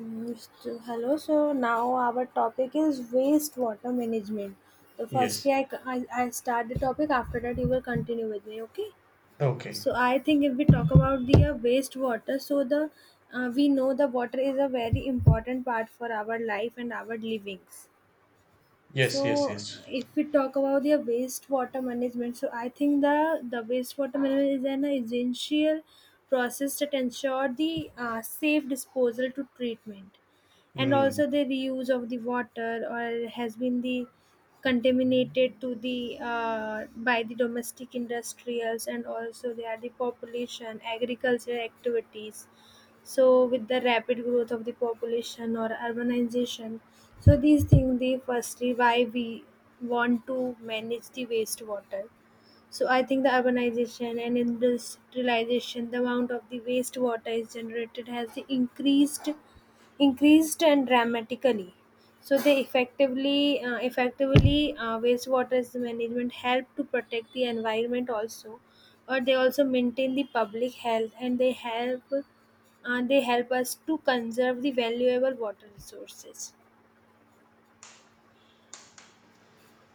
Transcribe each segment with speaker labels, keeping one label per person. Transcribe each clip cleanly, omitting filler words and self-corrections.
Speaker 1: Mm, Hello, so now our topic is wastewater management. So
Speaker 2: Yes.
Speaker 1: firstly, I, I start the topic. After that, you will continue with me. Okay.
Speaker 2: Okay.
Speaker 1: So I think if we talk about the wastewater, so the we know the water is a very important part for our life and our livings.
Speaker 2: Yes, yes,
Speaker 1: So
Speaker 2: yes.
Speaker 1: if we talk about the wastewater management, so I think the wastewater management is an essential process that ensure the safe disposal to treatment, and
Speaker 2: Mm.
Speaker 1: also the reuse of the water or has been the contaminated to the by the domestic industrials, and also they are the population agricultural activities. So with the rapid growth of the population or urbanization, so these things they firstly why we want to manage the wastewater. So I think the urbanization and industrialization, the amount of the wastewater is generated has increased and dramatically. So they effectively, wastewater management help to protect the environment also, or they also maintain the public health, and they they help us to conserve the valuable water resources.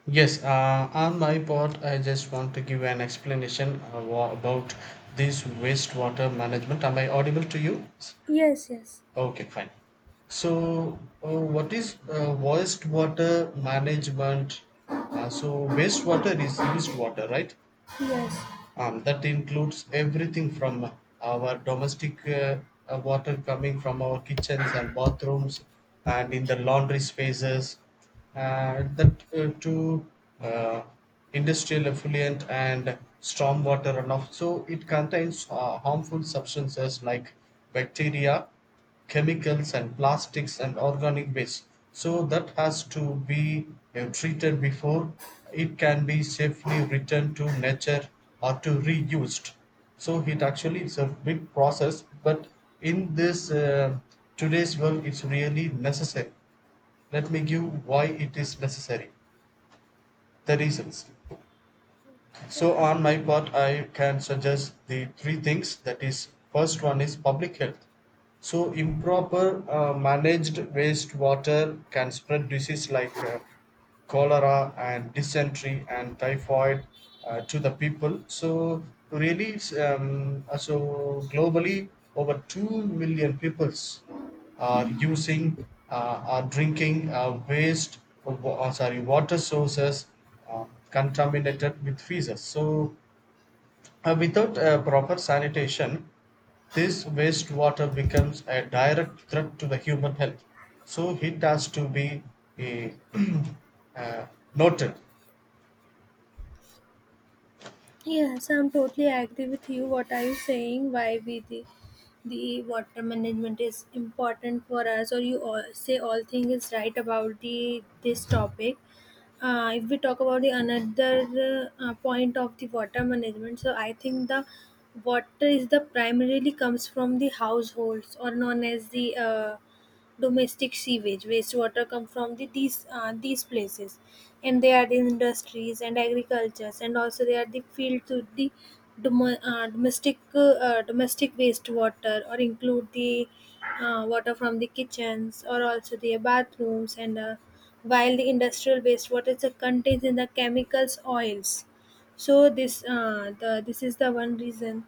Speaker 2: Yes, on my part, I just want to give an explanation about this wastewater management. Am I audible to you?
Speaker 1: Yes, yes,
Speaker 2: Okay, fine. So, what is wastewater management? Wastewater is used water, right?
Speaker 1: yes.
Speaker 2: That includes everything from our domestic water coming from our kitchens and bathrooms and in the laundry spaces that to uh, industrial effluent and storm water runoff. So it contains harmful substances like bacteria, chemicals and plastics and organic waste, so that has to be treated before it can be safely returned to nature or to reused. So it actually is a big process, but in this today's world it's really necessary. Let me give why it is necessary, the reasons.
Speaker 1: So
Speaker 2: So
Speaker 1: I.
Speaker 2: on my part I can suggest the three things. That is, first one is public health. So improper managed wastewater can spread disease like cholera and dysentery and typhoid to the people. So really, it's, so globally, over 2 million peoples are using, are drinking waste wa- sorry water sources uh, contaminated with feces. So without proper sanitation, this wastewater becomes a direct threat to the human health. So it has to be eh, uh, noted.
Speaker 1: Yes, I'm totally agree with you. What are you saying? Why we the water management is important for us, or you all say all thing is right about the this topic. If we talk about the another point of the water management, so I think the water is the primarily comes from the households, or known as the domestic sewage. Wastewater come from the these places, and they are the industries and agricultures, and also they are the field to the dom- domestic wastewater or include the water from the kitchens or also the bathrooms, and while the industrial wastewater is contains in the chemicals oils. So this is the one reason.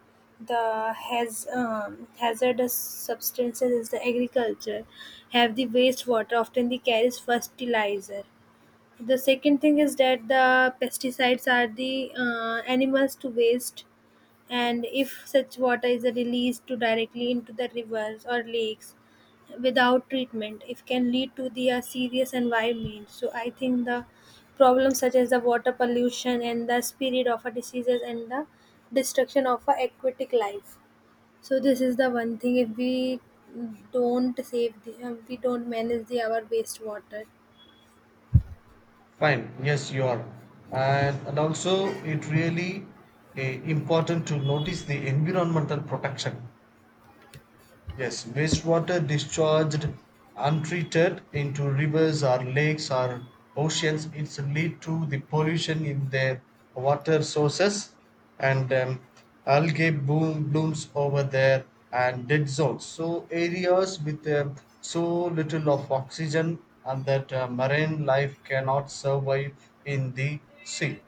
Speaker 1: The has hazardous substances is the agriculture, have the wastewater often the carries fertilizer. The second thing is that the pesticides are the animals to waste. And if such water is released to directly into the rivers or lakes without treatment, it can lead to the serious environment. So I think the problems such as the water pollution and the spread of a diseases and the destruction of a aquatic life, so this is the one thing if we don't save the, we don't manage the our wastewater.
Speaker 2: Fine, yes, you are. And also it really, important to notice the environmental protection. Yes, wastewater discharged untreated into rivers or lakes or oceans, it's lead to the pollution in their water sources, and algae blooms over there and dead zones. So areas with, um, so little of oxygen, and that marine life cannot survive in the sea.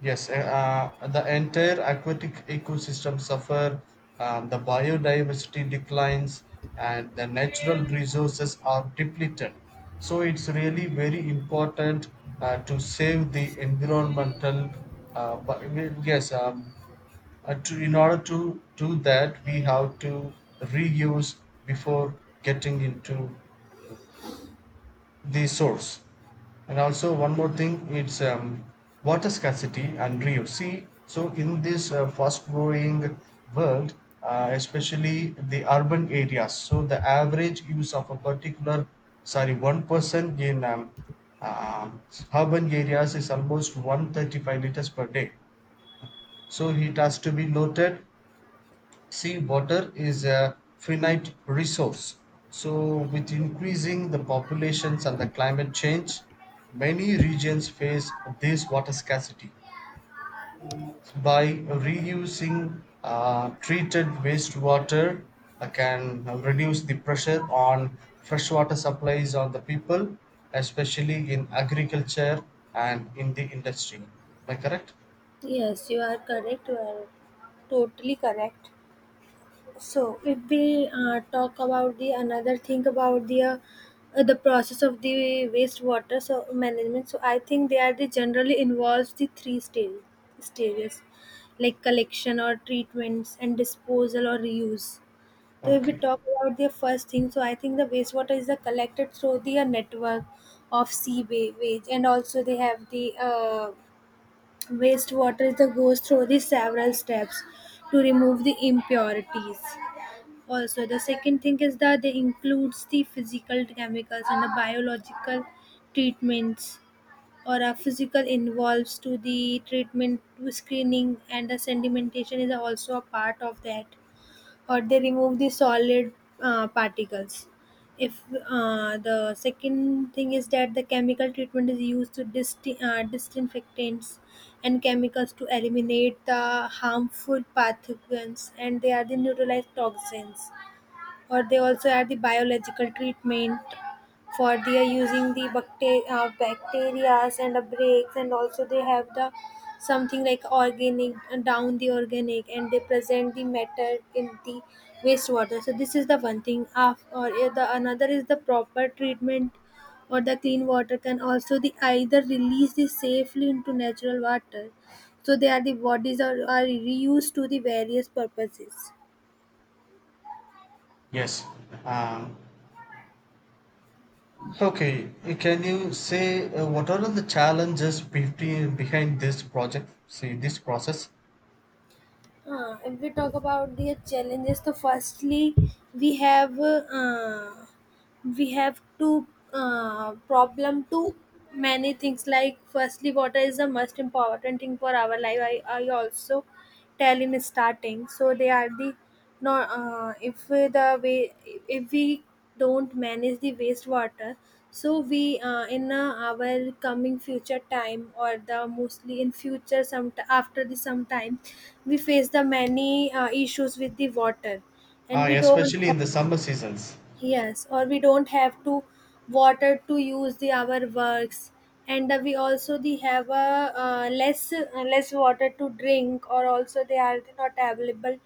Speaker 2: Yes, the entire aquatic ecosystem suffer, the biodiversity declines, and the natural resources are depleted. So it's really very important to save the environmental. But yes, to, in order to do that, we have to reuse before getting into the source. And also one more thing, it's, water scarcity and reuse. See, so in this fast-growing world, especially the urban areas, so the average use of a particular, sorry, one person in um urban areas is almost 135 liters per day. So it has to be noted. See, water is a finite resource. So with increasing the populations and the climate change, many regions face this water scarcity. So by reusing treated wastewater, I can reduce the pressure on freshwater supplies on the people, especially in agriculture and in the industry. Am I correct?
Speaker 1: Yes, you are correct. You are totally correct. So, if we talk about the another thing about the process of the wastewater so management, so I think they are the generally involves the three stages, like collection or treatments and disposal or reuse. So if we
Speaker 2: Okay.
Speaker 1: talk about the first thing, so I think the wastewater is collected through the network of sea wa- ways, and also they have the wastewater that goes through the several steps to remove the impurities. Also, the second thing is that they includes the physical chemicals and the biological treatments, or a physical involves to the treatment to screening, and the sedimentation is also a part of that, or they remove the solid particles. If the second thing is that the chemical treatment is used to disinfectants and chemicals to eliminate the harmful pathogens, and they are the neutralize toxins, or they also add the biological treatment for they are using the bacterias and the breaks, and also they have the something like organic and they present the matter in the wastewater. So this is the one thing of, or the another is the proper treatment or the clean water can also the either release this safely into natural water. So they are the bodies are reused to the various purposes.
Speaker 2: Yes. Um, okay, can you say what are the behind this project? See this process,
Speaker 1: If we talk about the challenges, so firstly we have uh, we have to problem to many things, like firstly water is the most important thing for our life. I also tell in starting, so they are the no if the way, if we don't manage the wastewater, so we in our coming future time, or the mostly in future some after the some time, we face the many issues with the water, and we don't
Speaker 2: especially
Speaker 1: have.
Speaker 2: in the summer seasons.
Speaker 1: Yes, or we don't have to water to use the our works, and we also the have a less water to drink, or also they are not available.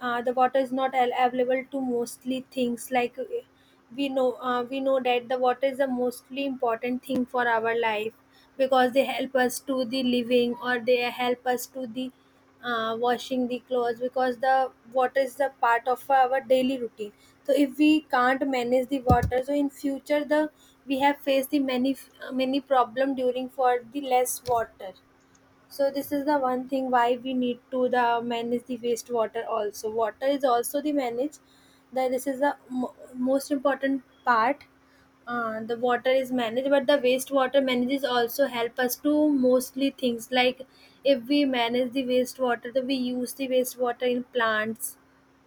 Speaker 1: The water is not al- available to mostly things like we know that the water is the mostly important thing for our life, because they help us to the living, or they help us to the washing the clothes, because the water is a part of our daily routine. So if we can't manage the water, so in future the we have faced the many problem during for the less water. So this is the one thing why we need to the manage the wastewater. Also water is also the manage that this is the most important part. The water is managed, but the wastewater manages also help us to mostly things like if we manage the wastewater, then we use the wastewater in plants,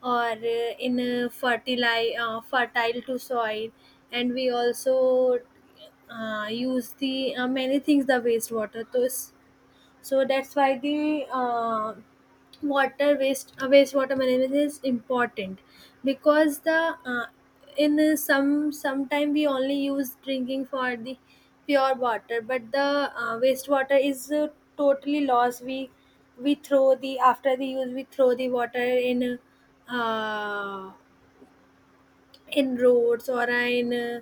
Speaker 1: or in fertilize fertile to soil, and we also use the many things the wastewater. So it's, so that's why the water waste wastewater management is important. Because the in some sometime we only use drinking for the pure water, but the wastewater is totally lost. We throw the after the use, we throw the water in uh, in roads, or in uh,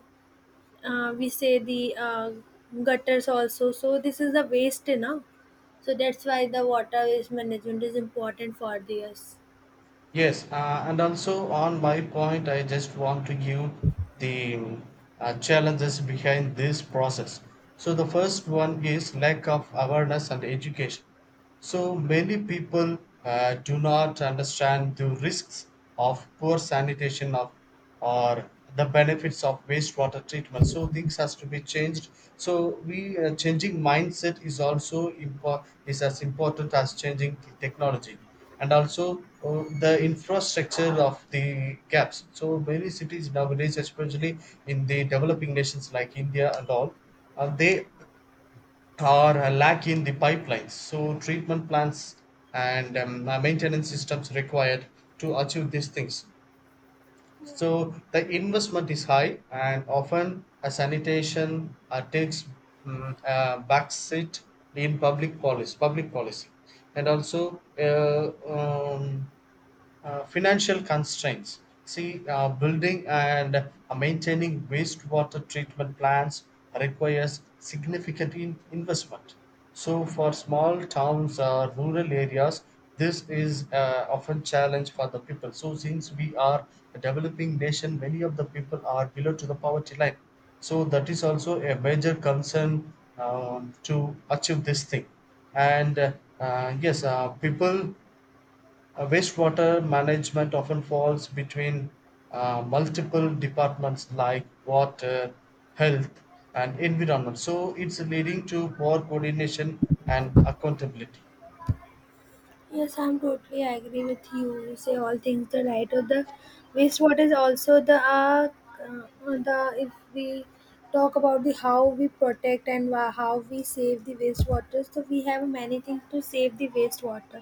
Speaker 1: uh, we say the gutters also. So this is the waste now. So that's why the water waste management is important for the us.
Speaker 2: Yes, and also on my point, I just want to give the challenges behind this process. So the first one is lack of awareness and education. So many people do not understand the risks of poor sanitation, of or the benefits of wastewater treatment. So things has to be changed. So we, changing mindset is also is as important as changing the technology, and also the infrastructure of the gaps. So many cities nowadays, especially in the developing nations like India and all, they are lacking the pipelines. So treatment plants and, maintenance systems required to achieve these things. So the investment is high, and often a sanitation takes, mm, a backseat in public policy, and also, financial constraints. See, building and maintaining wastewater treatment plants requires significant investment. So for small towns or rural areas, this is often challenge for the people. So since we are a developing nation, many of the people are below to the poverty line. So that is also a major concern, to achieve this thing. And yes People, wastewater management often falls between multiple departments like water, health, and environment. So it's leading to poor coordination and accountability.
Speaker 1: Yes, I'm totally agree with you. You say all things the right, or the wastewater is also the if we talk about the how we protect and wha- how we save the wastewater. So we have many things to save the wastewater.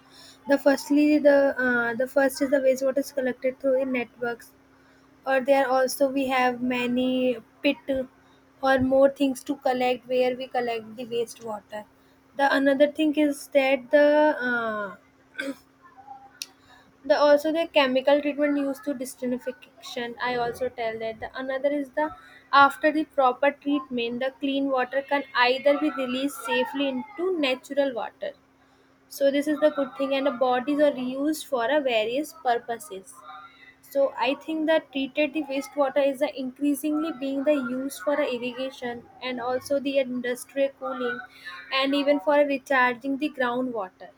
Speaker 1: The firstly the first is the wastewater is collected through the networks, or there also we have many pit or more things to collect where we collect the wastewater. The another thing is that uh, the also the chemical treatment used to desertification. I also tell that the another is the after the proper treatment the clean water can either be released safely into natural water. So this is the good thing, and the bodies are used for a various purposes. So I think that treated the wastewater is a increasingly being the use for a irrigation, and also the industrial cooling, and even for a recharging the groundwater.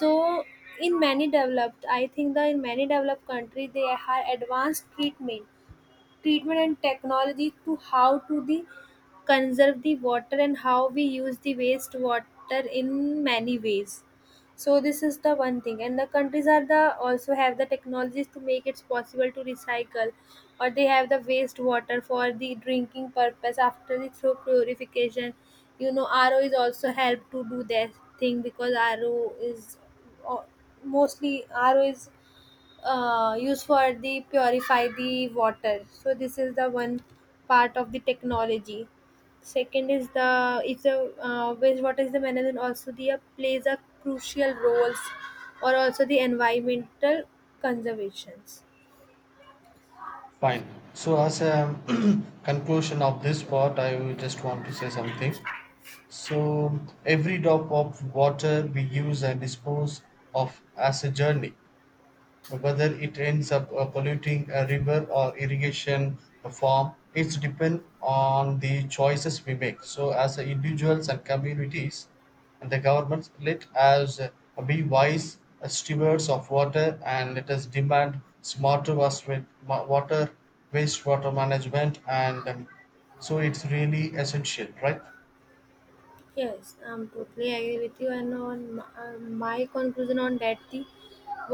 Speaker 1: So in many developed, I think that in many developed country they have advanced treatment and technology to how to the conserve the water and how we use the waste water in many ways. So this is the one thing, and the countries are the also have the technologies to make it possible to recycle, or they have the waste water for the drinking purpose after the through purification. You know, RO is also help to do that thing, because RO is, uh, mostly RO is used for the purify the water. So this is the one part of the technology. Second is the if the wastewater is the management also the plays a crucial roles, or also the environmental conservations.
Speaker 2: Fine. So as a conclusion of this part, I will just want to say something. So every drop of water we use and dispose of as a journey. Whether it ends up polluting a river or irrigation farm, it's depend on the choices we make. So as a individuals and communities and the governments, let us be wise, stewards of water, and let us demand smarter water, wastewater management, and, so it's really essential, right?
Speaker 1: Yes, I'm totally agree with you. And on my, my conclusion on that, the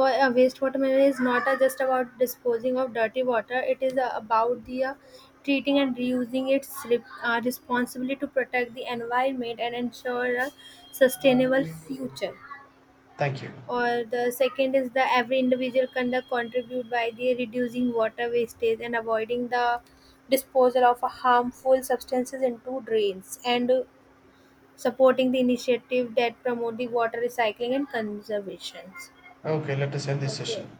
Speaker 1: wastewater management is not just about disposing of dirty water. It is about the treating and reusing its responsibility to protect the environment and ensure a sustainable future.
Speaker 2: Thank you.
Speaker 1: Or the second is that every individual can contribute by the reducing water wastage, and avoiding the disposal of harmful substances into drains, and supporting the initiative that promote the water recycling and conservation.
Speaker 2: Okay, let us end this
Speaker 1: Okay.
Speaker 2: session.